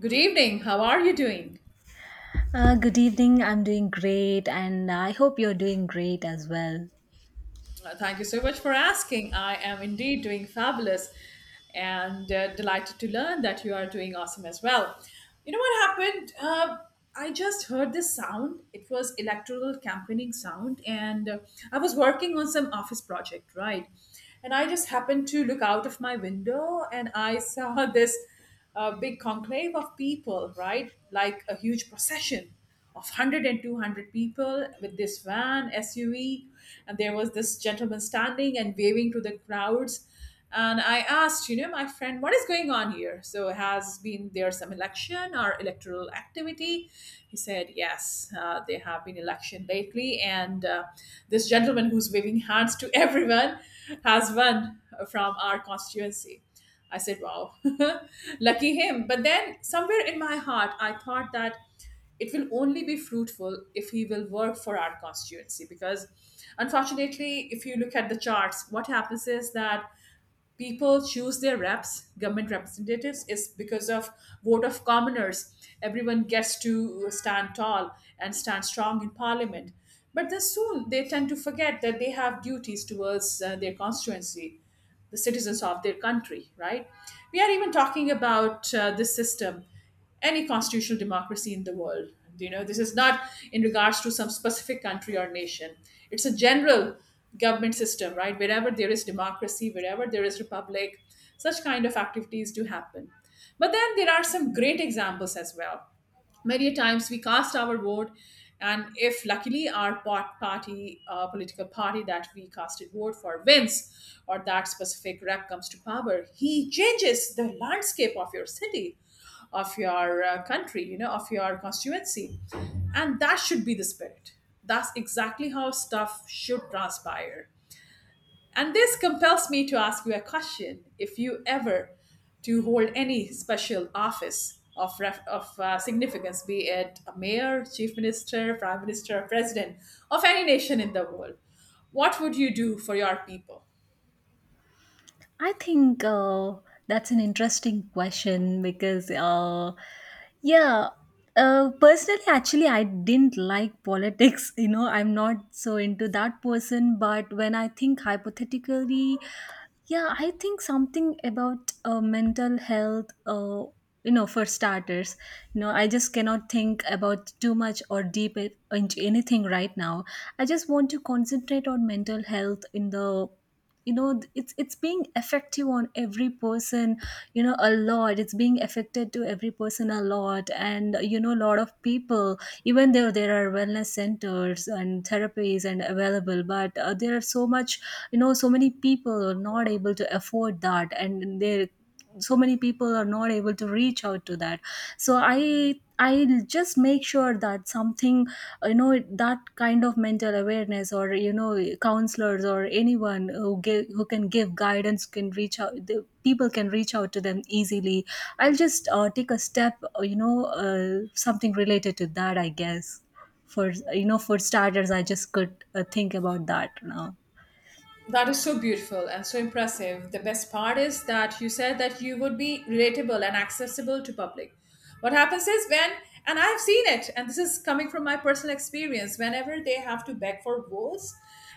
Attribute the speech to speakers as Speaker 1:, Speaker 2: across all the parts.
Speaker 1: Good evening. How are you doing?
Speaker 2: Good evening. I'm doing great, and I hope you're doing great as well.
Speaker 1: Thank you so much for asking. I am indeed doing fabulous and delighted to learn that you are doing awesome as well. You know what happened? I just heard this sound. It was electoral campaigning sound, and I was working on some office project, right? And I just happened to look out of my window and I saw this big conclave of people, right? Like a huge procession of 100 and 200 people with this van SUV, and there was this gentleman standing and waving to the crowds. And I asked, you know, my friend what is going on here, so has been there some election or electoral activity. He said, yes, there have been election lately, and this gentleman who's waving hands to everyone has won from our constituency. I said, wow, lucky him. But then somewhere in my heart, I thought that it will only be fruitful if he will work for our constituency, because unfortunately, if you look at the charts, what happens is that people choose their reps, government representatives, is because of vote of commoners. Everyone gets to stand tall and stand strong in parliament, but then soon they tend to forget that they have duties towards their constituency, the citizens of their country, right? We are even talking about this system, any constitutional democracy in the world. You know, this is not in regards to some specific country or nation. It's a general government system, right? Wherever there is democracy, wherever there is republic, such kind of activities do happen. But then there are some great examples as well. Many a times we cast our vote, and if luckily our pot party political party that we casted vote for wins, or that specific rep comes to power, he changes the landscape of your city, of your country, you know, of your constituency. And that should be the spirit. That's exactly how stuff should transpire, and this compels me to ask you a question. If you ever to hold any special office of, significance, be it a mayor, chief minister, prime minister, president of any nation in the world, what would you do for your people?
Speaker 2: I think that's an interesting question because, yeah, personally, actually, I didn't like politics. You know, I'm not so into that person. But when I think hypothetically, yeah, I think something about mental health, you know, for starters, I just cannot think about too much or deep into anything right now. I just want to concentrate on mental health in the, it's being effective on every person, you know, a lot. It's being affected to every person a lot, and you know, a lot of people, even though there are wellness centers and therapies and available, but there are so much, you know, so many people are not able to afford that, and they, so many people are not able to reach out to that. So I'll just make sure that something, you know, that kind of mental awareness, or you know counselors or anyone who give, who can give guidance, can reach out the people, can reach out to them easily. I'll just take a step, you know, something related to that, I guess. For, you know, for starters, I just could think about that now.
Speaker 1: That is so beautiful and so impressive. The best part is that you said that you would be relatable and accessible to public. What happens is when, and I've seen it, and this is coming from my personal experience, whenever they have to beg for votes,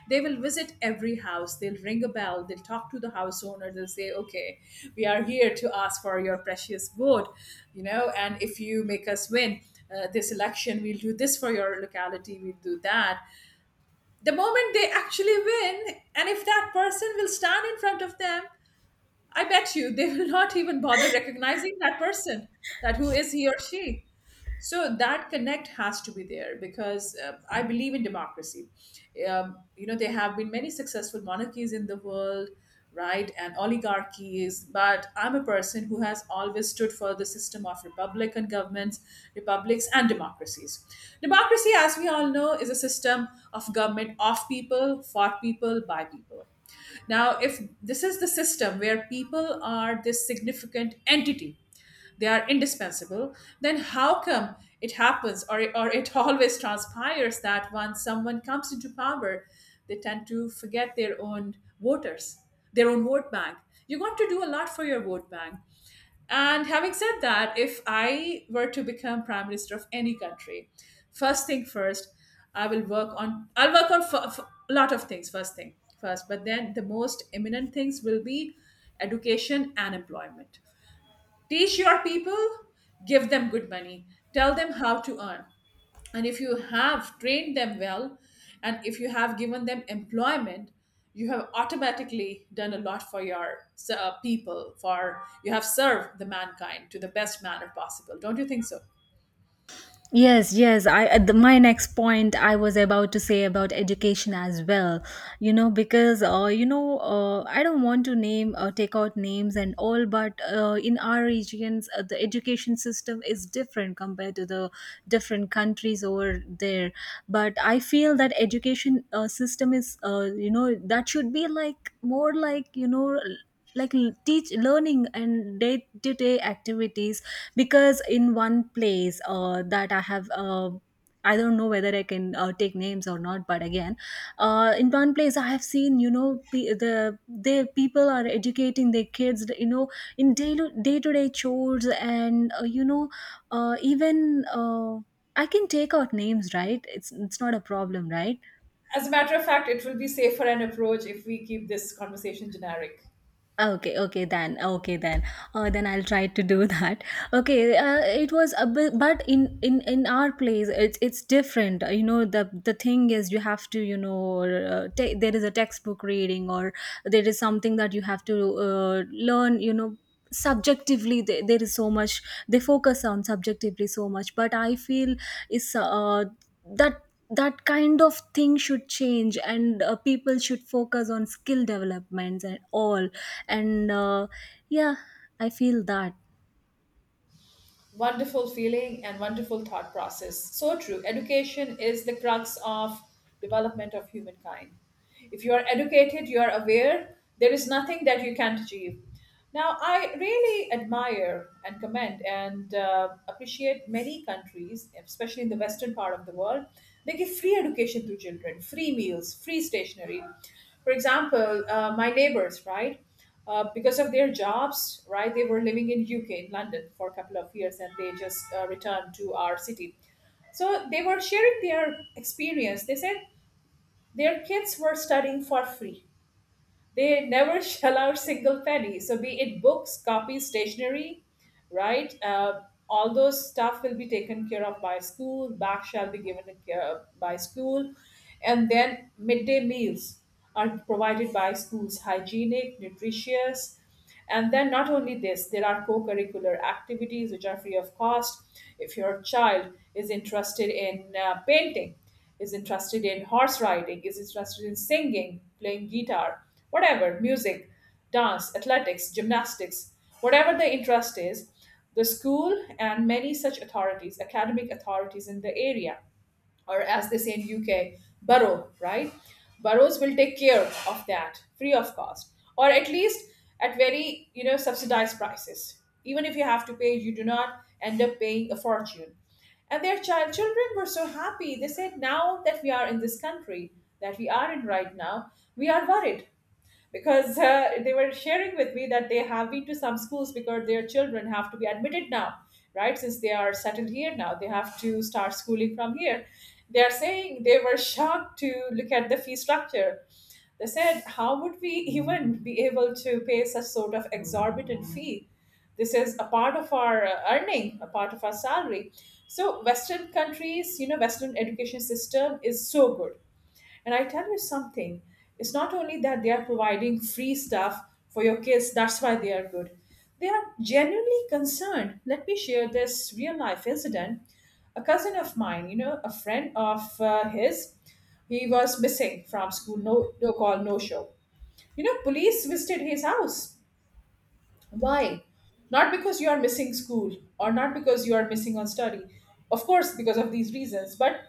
Speaker 1: they will visit every house, they'll ring a bell, they'll talk to the house owner, they'll say, okay, we are here to ask for your precious vote, you know, and if you make us win this election, we'll do this for your locality, we'll do that. The moment they actually win, and if that person will stand in front of them, I bet you they will not even bother recognizing that person, that who is he or she. So that connect has to be there, because I believe in democracy. You know, there have been many successful monarchies in the world, right, and oligarchies. But I'm a person who has always stood for the system of republican governments, republics, and democracies. Democracy, as we all know, is a system of government of people, for people, by people. Now, if this is the system where people are this significant entity, they are indispensable, then how come it happens, or it always transpires that once someone comes into power, they tend to forget their own voters, their own vote bank? You got to do a lot for your vote bank. And having said that, if I were to become prime minister of any country, first thing first, I'll work on a lot of things first thing first, but then the most imminent things will be education and employment. Teach your people, give them good money, tell them how to earn. And if you have trained them well, and if you have given them employment, you have automatically done a lot for your people. For you have served the mankind to the best manner possible. Don't you think so?
Speaker 2: Yes, yes. I the, my next point I was about to say about education as well. You know, because you know, I don't want to name, take out names and all, but in our regions, the education system is different compared to the different countries over there. But I feel that education system is, you know, that should be like more like you know. Like teach learning and day to day activities, because in one place that I have I don't know whether I can take names or not, but again, in one place I have seen, you know, they people are educating their kids, you know, in day, day to day chores, and you know, even I can take out names, right? It's not a problem, right?
Speaker 1: As a matter of fact, it will be safer an approach if we keep this conversation generic.
Speaker 2: Okay, okay then. Okay then. Then I'll try to do that. Okay, it was a bit, but in in our place, it's different. You know, the thing is, you have to, you know, there is a textbook reading, or there is something that you have to learn. You know, subjectively, there is so much, they focus on subjectively so much. But I feel is that that kind of thing should change, and people should focus on skill developments and all, and yeah, I feel that.
Speaker 1: Wonderful feeling and wonderful thought process. So true. Education is the crux of development of humankind. If you are educated, you are aware, there is nothing that you can't achieve. Now, I really admire and commend and appreciate many countries, especially in the western part of the world. They give free education to children, free meals, free stationery. For example, my neighbors, right? Because of their jobs, right? They were living in UK, in London, for a couple of years, and they just returned to our city. So they were sharing their experience. They said their kids were studying for free. They never shell out single penny. So be it books, copies, stationery, right? All those stuff will be taken care of by school. Back shall be given care of by school, and then midday meals are provided by schools, hygienic, nutritious. And then, not only this, there are co curricular activities which are free of cost. If your child is interested in painting, is interested in horse riding, is interested in singing, playing guitar, whatever, music, dance, athletics, gymnastics, whatever the interest is, the school and many such authorities, academic authorities in the area, or as they say in UK, borough, right? Boroughs will take care of that free of cost, or at least at very, you know, subsidized prices. Even if you have to pay, you do not end up paying a fortune. And their children were so happy. They said, now that we are in this country that we are in right now, we are worried because they were sharing with me that they have been to some schools because their children have to be admitted now, right, since they are settled here now, they have to start schooling from here. They are saying they were shocked to look at the fee structure. They said, how would we even be able to pay such sort of exorbitant fee? This is a part of our earning, a part of our salary. So western countries, you know, western education system is so good, and I tell you something, it's not only that they are providing free stuff for your kids, that's why they are good. They are genuinely concerned. Let me share this real life incident. A cousin of mine, you know, a friend of his, he was missing from school, no call, no show. You know, police visited his house. Why? Not because you are missing school, or not because you are missing on study. Of course, because of these reasons, but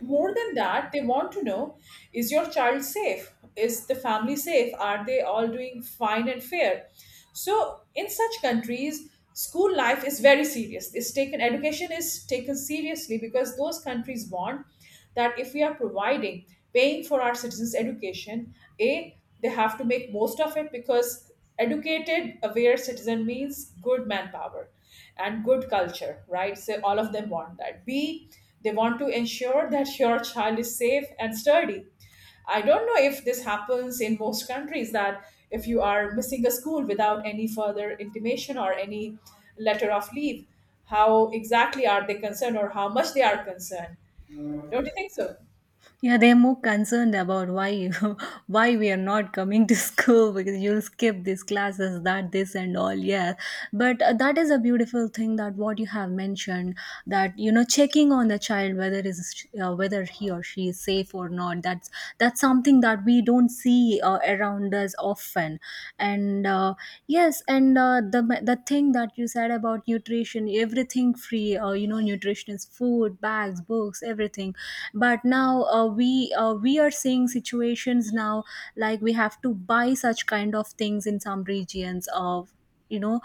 Speaker 1: more than that, they want to know, is your child safe? Is the family safe? Are they all doing fine and fair? So, in such countries, school life is very serious. Education is taken seriously because those countries want that if we are providing, paying for our citizens' education, A, they have to make most of it, because educated aware citizen means good manpower and good culture, right? So all of them want that. B, they want to ensure that your child is safe and sturdy. I don't know if this happens in most countries that if you are missing a school without any further intimation or any letter of leave, how exactly are they concerned, or how much they are concerned? Don't you think so?
Speaker 2: Yeah, they're more concerned about why you, why we are not coming to school, because you'll skip these classes, that this and all. Yeah, but that is a beautiful thing that what you have mentioned, that you know checking on the child whether is, whether he or she is safe or not. That's something that we don't see around us often, and yes, and the thing that you said about nutrition, everything free. You know, nutrition is food, bags, books, everything. But now we are seeing situations now, like we have to buy such kind of things in some regions of, you know,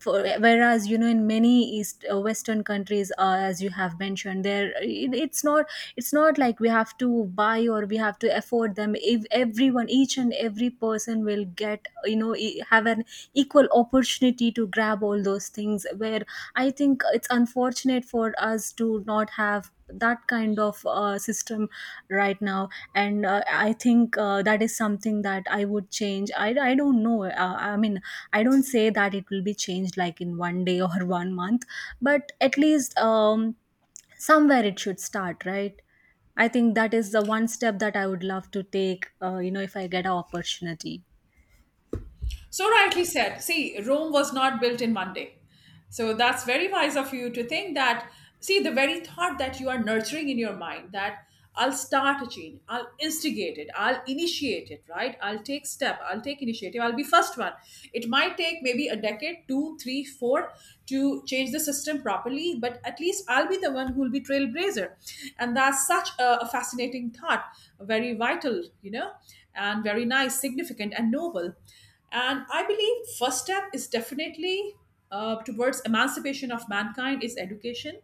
Speaker 2: for, whereas you know in many east, western countries, as you have mentioned, there, it's not, it's not like we have to buy or we have to afford them, if everyone, each and every person will get, you know, have an equal opportunity to grab all those things, where I think it's unfortunate for us to not have that kind of system right now. And I think that is something that I would change. I don't know, I mean, I don't say that it will be changed like in one day or one month, but at least somewhere it should start, right? I think that is the one step that I would love to take, you know, if I get an opportunity.
Speaker 1: So rightly said. See, Rome was not built in one day. So that's very wise of you to think that, see, the very thought that you are nurturing in your mind that I'll start a change, I'll instigate it, I'll initiate it, right? I'll take step, I'll take initiative, I'll be first one. It might take maybe a decade, two, three, four to change the system properly, but at least I'll be the one who'll be trailblazer. And that's such a fascinating thought, very vital, you know, and very nice, significant, and noble. And I believe first step is definitely towards emancipation of mankind is education.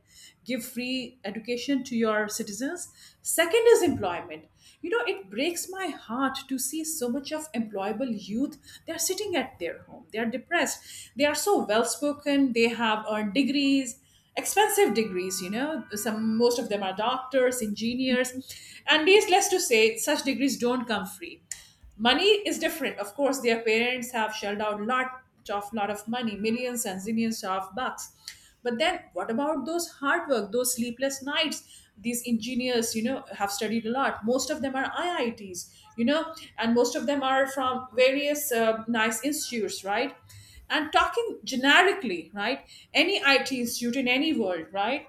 Speaker 1: Give free education to your citizens. Second is employment. You know, it breaks my heart to see so much of employable youth. They are sitting at their home, they are depressed, they are so well spoken, they have earned degrees, expensive degrees, you know, some most of them are doctors, engineers, and needless to say such degrees don't come free. Money is different. Of course, their parents have shelled out lot of money, millions and zillions of bucks. But then what about those hard work, those sleepless nights? These engineers, you know, have studied a lot. Most of them are IITs, you know, and most of them are from various nice institutes, right? And talking generically, right? Any IT institute in any world, right?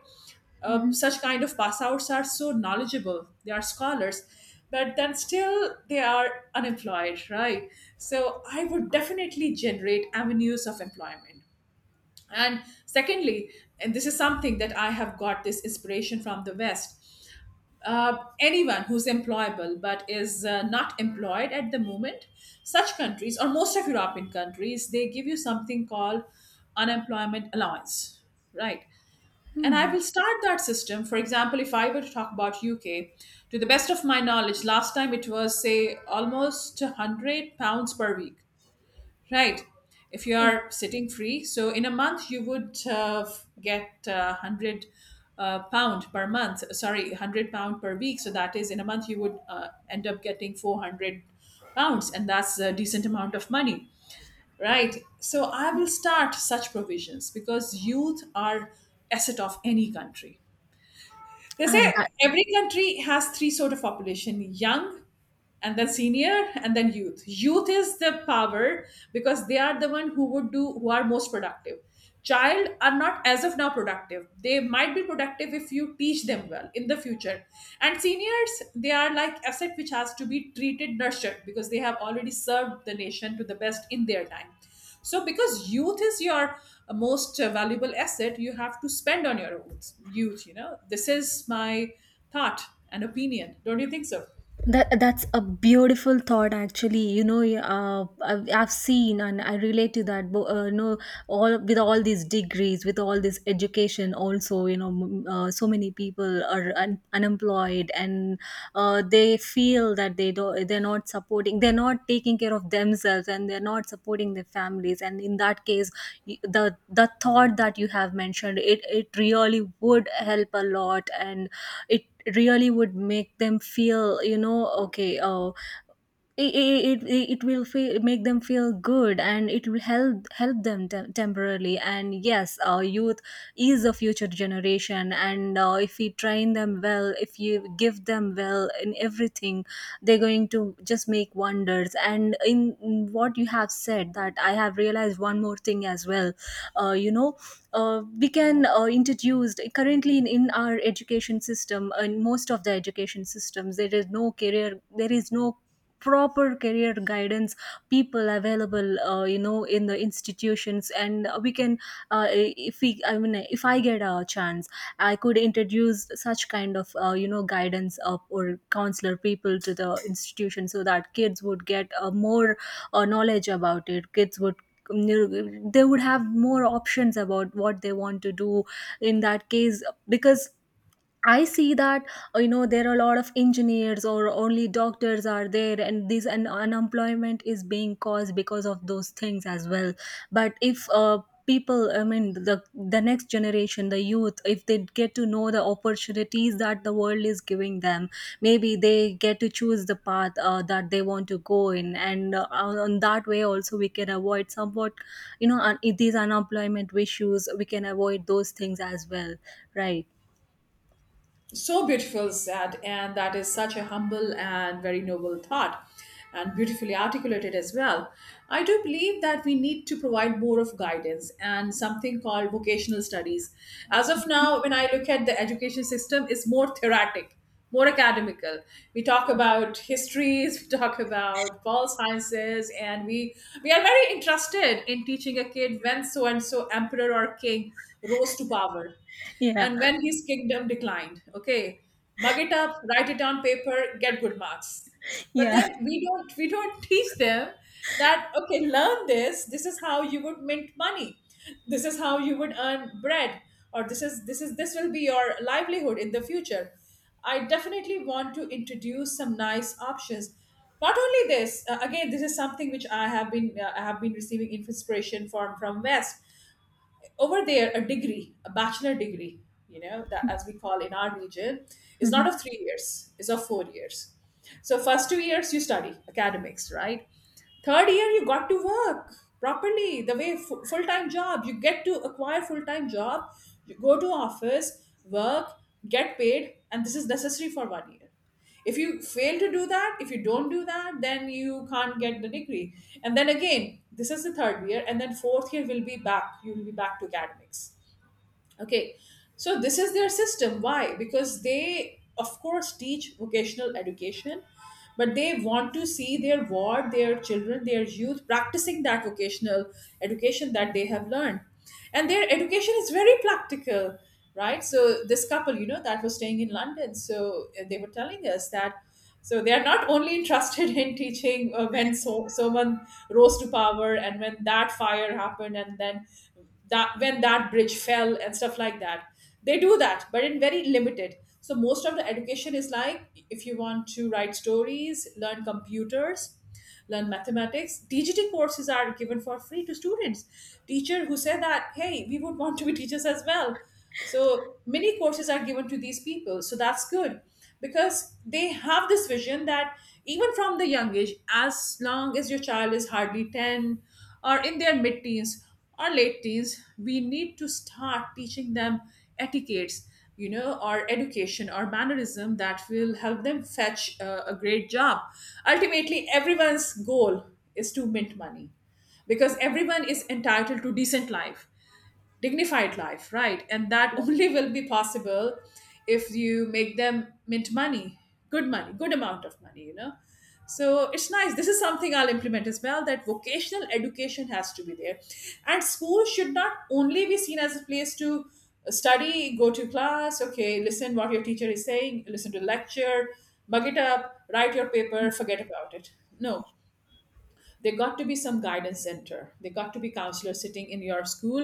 Speaker 2: Mhm.
Speaker 1: such kind of pass outs are so knowledgeable, they are scholars, but then still they are unemployed, right? So I would definitely generate avenues of employment. And secondly, and this is something that I have got this inspiration from the west, anyone who's employable but is not employed at the moment, such countries or most of European countries, they give you something called unemployment allowance, right? And I will start that system. For example, if I were to talk about UK, to the best of my knowledge, last time it was say almost £100 per week, right? If you
Speaker 2: Oh,
Speaker 1: are sitting free, so in a month you would get 100 pound per month, sorry, £100 per week, so that is in a month you would end up getting £400, and that's a decent amount of money, right? So I will start such provisions because youth are asset of any country, they
Speaker 2: uh,
Speaker 1: say.
Speaker 2: that,
Speaker 1: Every country has three sort of population: young, and then senior, and then youth. Youth is the power because they are the one who would do, who are most productive. Child are not as of now productive. They might be productive if you teach them well in the future. And seniors, they are like asset which has to be treated, nurtured, because they have already served the nation to the best in their time. So, because youth is your most valuable asset, you have to spend on your youth. Youth, you know, this is my thought and opinion. Don't you think so?
Speaker 2: that's a beautiful thought, actually. You know, I've seen and I relate to that. But you know, all, with all these degrees, with all this education, also, you know, so many people are unemployed, and they feel that they do they're not supporting, they're not taking care of themselves, and they're not supporting their families. And in that case, the thought that you have mentioned, it really would help a lot, and it really would make them feel, you know, okay, it it, it will feel, make them feel good, and it will help, help them, temporarily, and yes, youth is the future generation, and if we train them well, if you give them well in everything, they're going to just make wonders. And in what you have said, that I have realized one more thing as well, you know, we can introduce, currently in our education system and most of the education systems, there is no career, there is no proper career guidance people available you know in the institutions. And we can, if we, I mean, if I get a chance, I could introduce such kind of you know guidance of, or counselor people to the institution, so that kids would get more knowledge about it. Kids would, they would have more options about what they want to do in that case, because I see that you know there are a lot of engineers or only doctors are there, and this, unemployment is being caused because of those things as well. But if people, I mean, the next generation, the youth, if they get to know the opportunities that the world is giving them, maybe they get to choose the path that they want to go in, and on that way also we can avoid somewhat, you know, these unemployment issues. We can avoid those things as well, right?
Speaker 1: So beautiful said, and that is such a humble and very noble thought, and beautifully articulated as well. I do believe that we need to provide more of guidance and something called vocational studies. As of now, when I look at the education system, it's more theoretic, more academical. We talk about histories, we talk about pol sciences, and we are very interested in teaching a kid when so and so emperor or king rose to power
Speaker 2: Yeah.
Speaker 1: and when his kingdom declined. Okay, mug it up, write it on paper, get good marks. But
Speaker 2: Yeah.
Speaker 1: then we don't teach them that, okay, learn this. This is how you would mint money. This is how you would earn bread, or this will be your livelihood in the future. I definitely want to introduce some nice options. Not only this, again, this is something which I have been receiving inspiration from West. Over there, a degree, a bachelor degree, you know, that as we call in our region, is not
Speaker 2: Mhm.
Speaker 1: of 3 years, is of 4 years. So first 2 years you study academics, right? Third year you got to work properly the way full-time job, you get to acquire full-time job, you go to office, work, get paid, and this is necessary for 1 year. If you fail to do that, if you don't do that, then you can't get the degree. And then again, this is the third year, and then fourth year will be back, you will be back to academics. Okay, so this is their system. Why? Because they, of course, teach vocational education, but they want to see their ward, their children, their youth practicing that vocational education that they have learned. And their education is very practical, right? So, this couple, you know, that was staying in London, so they were telling us that. So they are not only interested in teaching when so someone rose to power and when that fire happened, and then that, when that bridge fell and stuff like that. They do that, but in very limited. So most of the education is like, if you want to write stories, learn computers, learn mathematics. Dgt courses are given for free to students. Teacher who said that, hey, we would want to be teachers as well, so many courses are given to these people. So that's good, because they have this vision that even from the young age, as long as your child is hardly 10 or in their mid teens or late teens, we need to start teaching them etiquettes, you know, or education or mannerism that will help them fetch a great job. Ultimately, everyone's goal is to mint money, because everyone is entitled to decent life, dignified life, right? And that only will be possible if you make them mint money, good amount of money, you know. So it's nice. This is something I'll implement as well, that vocational education has to be there. And school should not only be seen as a place to study, go to class, okay, listen what your teacher is saying, listen to lecture, mug it up, write your paper, forget about it. No, there got to be some guidance center, there got to be counselors sitting in your school,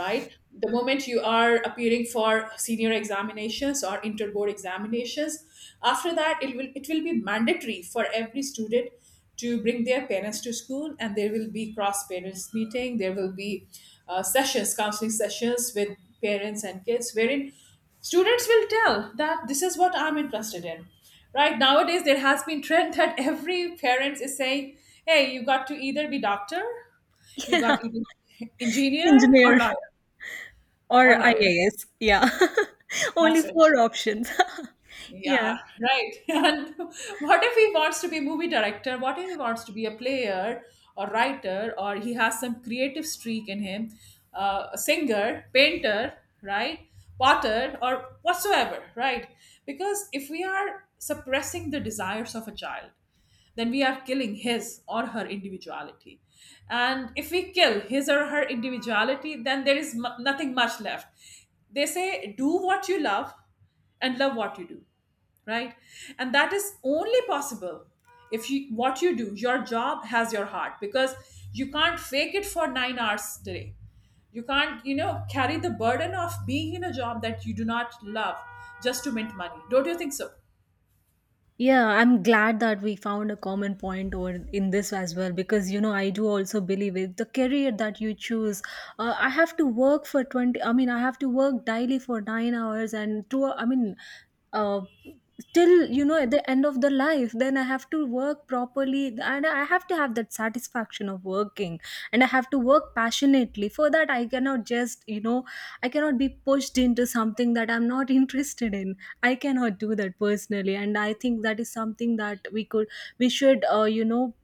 Speaker 1: right? The moment you are appearing for senior examinations or interboard examinations, after that it will be mandatory for every student to bring their parents to school, and there will be cross parents meeting, there will be sessions, counseling sessions with parents and kids, wherein students will tell that this is what I'm interested in, right? Nowadays there has been trend that every parents is saying, hey, you got to either be doctor, you got to be engineer, or
Speaker 2: Engineer
Speaker 1: lawyer, or
Speaker 2: or
Speaker 1: lawyer
Speaker 2: IAS. Yeah. Only
Speaker 1: that's it.
Speaker 2: four options. Yeah.
Speaker 1: Yeah, right. And what if he wants to be movie director? What if he wants to be a player or writer, or he has some creative streak in him, a singer, painter, right? Potter or whatsoever, right? Because if we are suppressing the desires of a child, then we are killing his or her individuality. And if we kill his or her individuality, then there is mu nothing much left. They say, do what you love and love what you do, right? And that is only possible if you, what you do, your job has your heart, because you can't fake it for 9 hours today. You can't, you know, carry the burden of being in a job that you do not love just to mint money. Don't you think so?
Speaker 2: Yeah, I'm glad that we found a common point or in this as well, because you know I do also believe it. The career that you choose, I have to work for 20. I mean, I have to work daily for 9 hours and two. I mean, uh, till, you know, at the end of the life, then I have to work properly, and I have to have that satisfaction of working, and I have to work passionately for that. I cannot just, you know, I cannot be pushed into something that I'm not interested in. I cannot do that personally, and I think that is something that we could, we should, you know,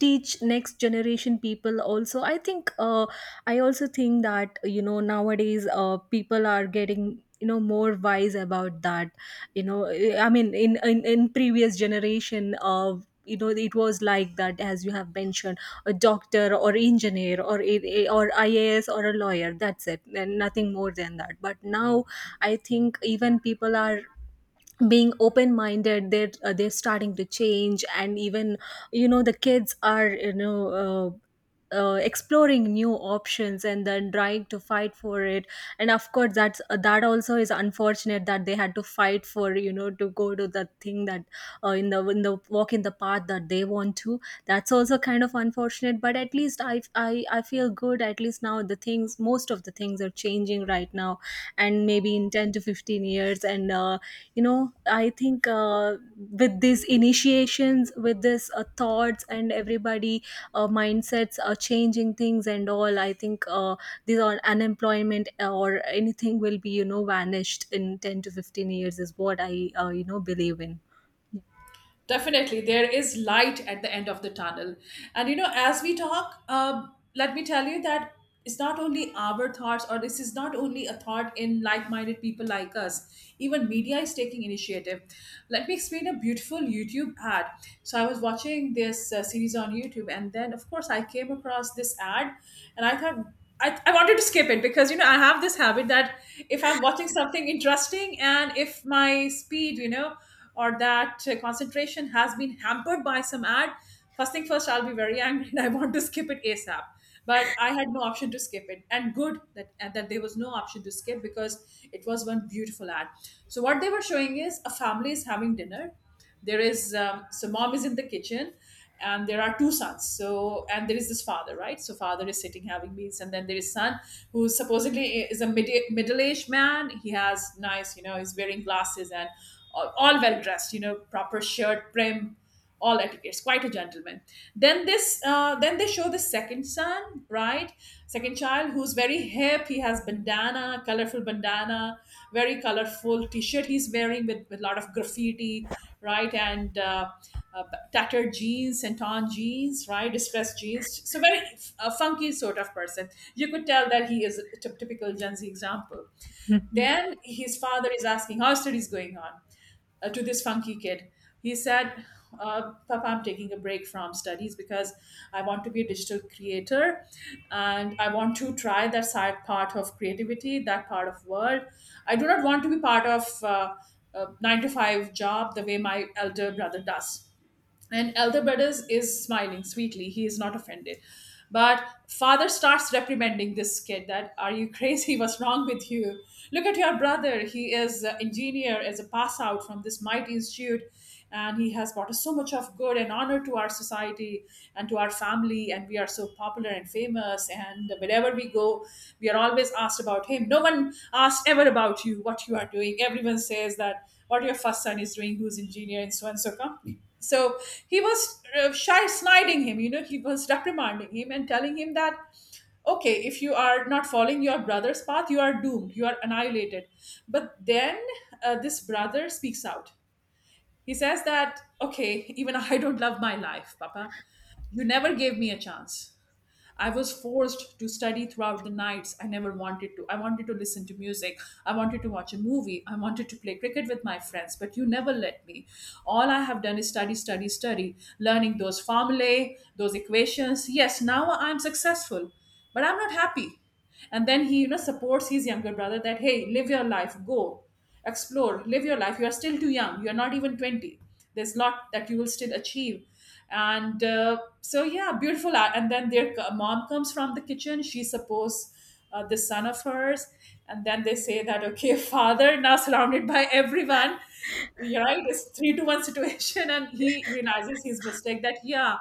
Speaker 2: teach next generation people also. I think I also think that you know nowadays people are getting, you know, more wise about that. You know, I mean, in in previous generation of, you know, it was like that, as you have mentioned, a doctor or engineer or or IAS or a lawyer, that's it, and nothing more than that. But now, I think even people are being open minded, they're starting to change. And even, you know, the kids are, you know, exploring new options, and then trying to fight for it. And of course that's that also is unfortunate, that they had to fight for, you know, to go to the thing that, in the, in the walk, in the path that they want to, that's also kind of unfortunate. But at least I, I feel good. At least now the things, most of the things are changing right now, and maybe in 10 to 15 years, and you know, I think, with these initiations, with this thoughts, and everybody, mindsets are changing things and all, I think these are unemployment, or anything will be, you know, vanished in 10 to 15 years, is what I, you know, believe in.
Speaker 1: Definitely, there is light at the end of the tunnel. And you know, as we talk, let me tell you that it's not only our thoughts, or this is not only a thought in like minded people like us. Even media is taking initiative. Let me explain a beautiful YouTube ad. So, I was watching this series on YouTube, and then, of course, I came across this ad, and I thought, I wanted to skip it because, you know, I have this habit that if I'm watching something interesting and if my speed, you know, or that concentration has been hampered by some ad, first thing first, I'll be very angry and I want to skip it ASAP. But I had no option to skip it, and good that, and that there was no option to skip, because it was one beautiful ad. So what they were showing is a family is having dinner. There is so mom is in the kitchen, and there are two sons, so, and there is this father, right? So father is sitting having meals, and then there is son who supposedly is a middle-aged man. He has nice, you know, he's wearing glasses and all well dressed, you know, proper shirt, prim, all etiquettes, quite a gentleman. Then this then they show the second son, right? Second child who's very hip, he has bandana, colorful bandana, very colorful t-shirt he's wearing, with a lot of graffiti, right, and uh, tattered jeans, and torn jeans, right? Distressed jeans. So very funky sort of person. You could tell that he is a typical Gen Z example. Then his father is asking, "How studies going on?" To this funky kid. He said, "Papa, I'm taking a break from studies because I want to be a digital creator, and I want to try that side part of creativity, that part of world. I do not want to be part of a 9 to 5 job the way my elder brother does." And elder brothers is smiling sweetly. He is not offended, but father starts reprimanding this kid that, "Are you crazy? What's wrong with you? Look at your brother. He is an engineer, is a pass out from this mighty institute, and he has brought us so much of good and honor to our society and to our family, and we are so popular and famous, and wherever we go, we are always asked about him. No one asks ever about you, what you are doing. Everyone says that what your first son is doing, who's engineer in so and so company." So he was shy, sniding him, he was reprimanding him and telling him that, okay, if you are not following your brother's path, you are doomed, you are annihilated. But then this brother speaks out. He says that, okay, even I don't love my life, Papa. You never gave me a chance. I was forced to study throughout the nights. I never wanted to. I wanted to listen to music. I wanted to watch a movie. I wanted to play cricket with my friends, but you never let me. All I have done is study, study, study, learning those formulae, those equations. Yes, now I'm successful, but I'm not happy. And then he, supports his younger brother that, hey, live your life, go. Explore, live your life. You are still too young. You are not even 20. There's a lot that you will still achieve. Yeah, beautiful art. And then their mom comes from the kitchen. She supports the son of hers. And then they say that, okay, father, now surrounded by everyone, you're right, it's 3-1 situation. And he realizes his mistake that, yeah,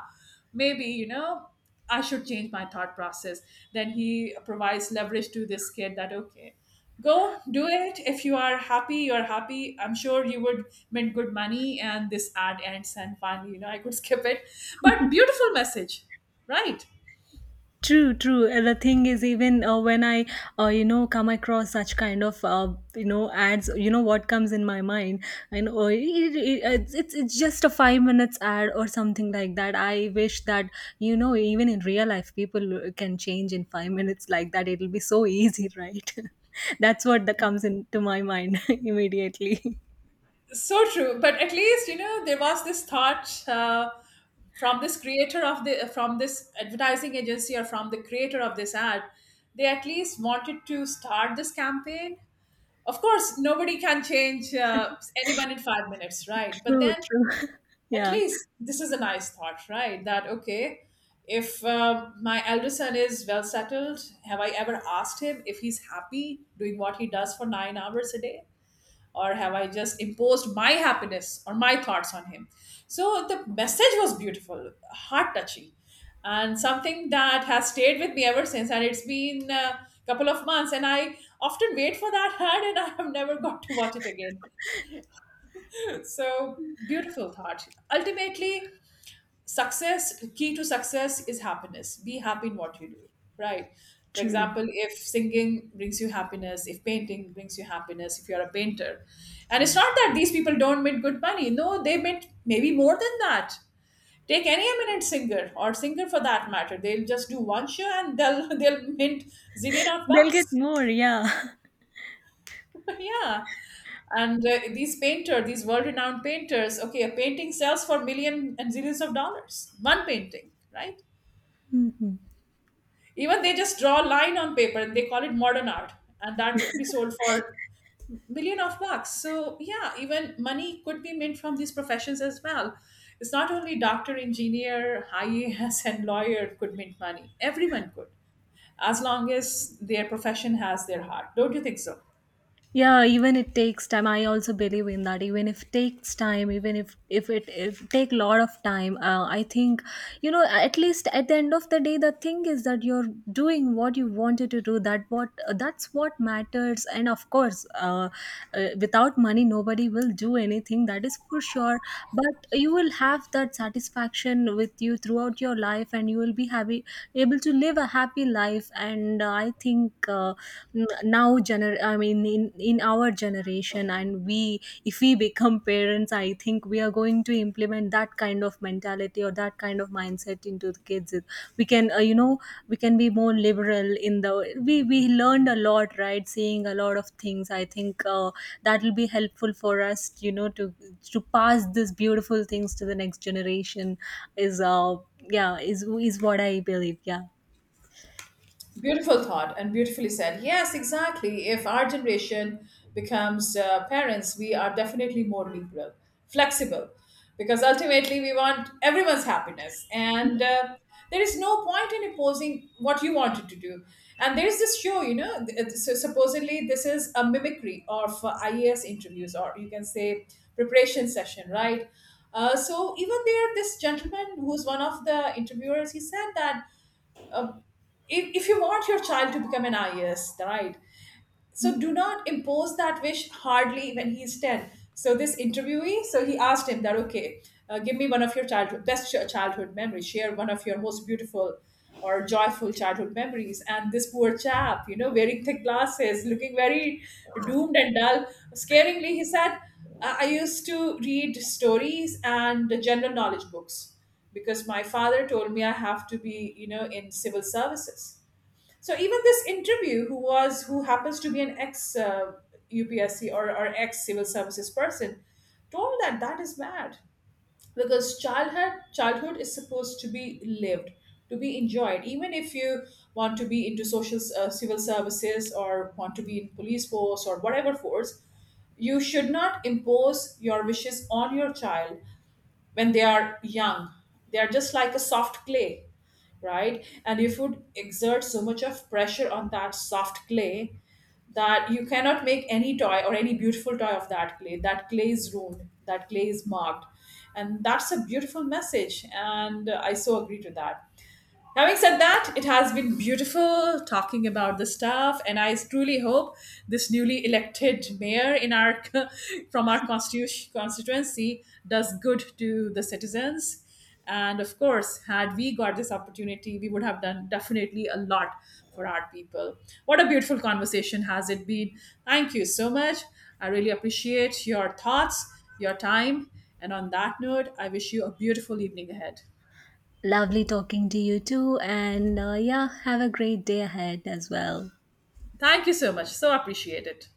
Speaker 1: maybe, you know, I should change my thought process. Then he provides leverage to this kid that, okay, go do it. If you are happy, you're happy. I'm sure you would make good money. And this ad ends, and finally, you know, I could skip it, but beautiful message, right?
Speaker 2: True, true. The thing is, even when I, you know, come across such kind of, you know, ads, you know, what comes in my mind, and, oh, it's just a 5 minutes ad or something like that. I wish that, you know, even in real life, people can change in 5 minutes like that. It'll be so easy, right? That's what that comes into my mind immediately.
Speaker 1: So true, but at least you know there was this thought from this creator of the from this advertising agency or from the creator of this ad. They at least wanted to start this campaign. Of course, nobody can change anyone in 5 minutes, right? But
Speaker 2: True,
Speaker 1: then
Speaker 2: true.
Speaker 1: at
Speaker 2: Yeah,
Speaker 1: least this is a nice thought, right? That okay, if my elder son is well settled, have I ever asked him if he's happy doing what he does for 9 hours a day? Or have I just imposed my happiness or my thoughts on him? So the message was beautiful, heart touching, and something that has stayed with me ever since, and it's been a couple of months, and I often wait for that ad, and I have never got to watch it again. So beautiful thought. Ultimately, success, key to success is happiness. Be happy in what you do, right? For
Speaker 2: true.
Speaker 1: example, if singing brings you happiness, if painting brings you happiness, if you're a painter, and it's not that these people don't make good money. No, they make maybe more than that. Take any eminent singer or singer for that matter, they'll just do one show and they'll they'll mint zillion of
Speaker 2: They'll get
Speaker 1: bucks.
Speaker 2: more. Yeah.
Speaker 1: Yeah. and these painter, these world-renowned painters, okay, a painting sells for million and zillions of dollars, one painting, right? Even they just draw a line on paper and they call it modern art, and that would be sold for million of bucks. So yeah, even money could be made from these professions as well. It's not only doctor, engineer, IAS, and lawyer could make money. Everyone could, as long as their profession has their heart. Don't you think so?
Speaker 2: Yeah, even it takes time, I also believe in that. Even if takes time, even if take lot of time, I think, you know, at least at the end of the day, the thing is that you're doing what you wanted to do. That's what matters, and of course, without money nobody will do anything, that is for sure. But you will have that satisfaction with you throughout your life, and you will be happy, able to live a happy life. And I think, I mean, in, our generation, and we, if we become parents, I think we are going to implement that kind of mentality or that kind of mindset into the kids. We can you know, we can be more liberal. In the we we learned a lot, right, seeing a lot of things. I think that will be helpful for us, you know, to pass these beautiful things to the next generation. Is Yeah, is what I believe. Yeah.
Speaker 1: Beautiful thought and beautifully said. Yes, exactly. If our generation becomes parents, we are definitely more liberal, flexible, because ultimately we want everyone's happiness. And there is no point in imposing what you wanted to do. And there's this show, you know, supposedly this is a mimicry of IAS interviews, or you can say preparation session, right? So even there, this gentleman who's one of the interviewers, he said that uh, if you want your child to become an IS, right? So do not impose that wish hardly when he's 10. So this interviewee, so he asked him that, okay, give me one of your childhood best childhood memories. Share one of your most beautiful or joyful childhood memories. And this poor chap, you know, wearing thick glasses, looking very doomed and dull, scaringly he said, I used to read stories and general knowledge books, because my father told me I have to be, you know, in civil services. So even this interview, who happens to be an ex UPSC, or ex civil services person, told that that is bad, because childhood is supposed to be lived, to be enjoyed. Even if you want to be into social civil services or want to be in police force or whatever force, you should not impose your wishes on your child. When they are young, they are just like a soft clay, right? And if you would exert so much of pressure on that soft clay, that you cannot make any toy or any beautiful toy of that clay, that clay is ruined, that clay is marked. And that's a beautiful message, and I so agree to that. Having said that, it has been beautiful talking about the stuff, and I truly hope this newly elected mayor in our from our constituency does good to the citizens. And of course, had we got this opportunity, we would have done definitely a lot for our people. What a beautiful conversation has it been! Thank you so much. I really appreciate your thoughts, your time, and on that note, I wish you a beautiful evening ahead.
Speaker 2: Lovely talking to you too, and yeah, have a great day ahead as well.
Speaker 1: Thank you so much. So appreciate it.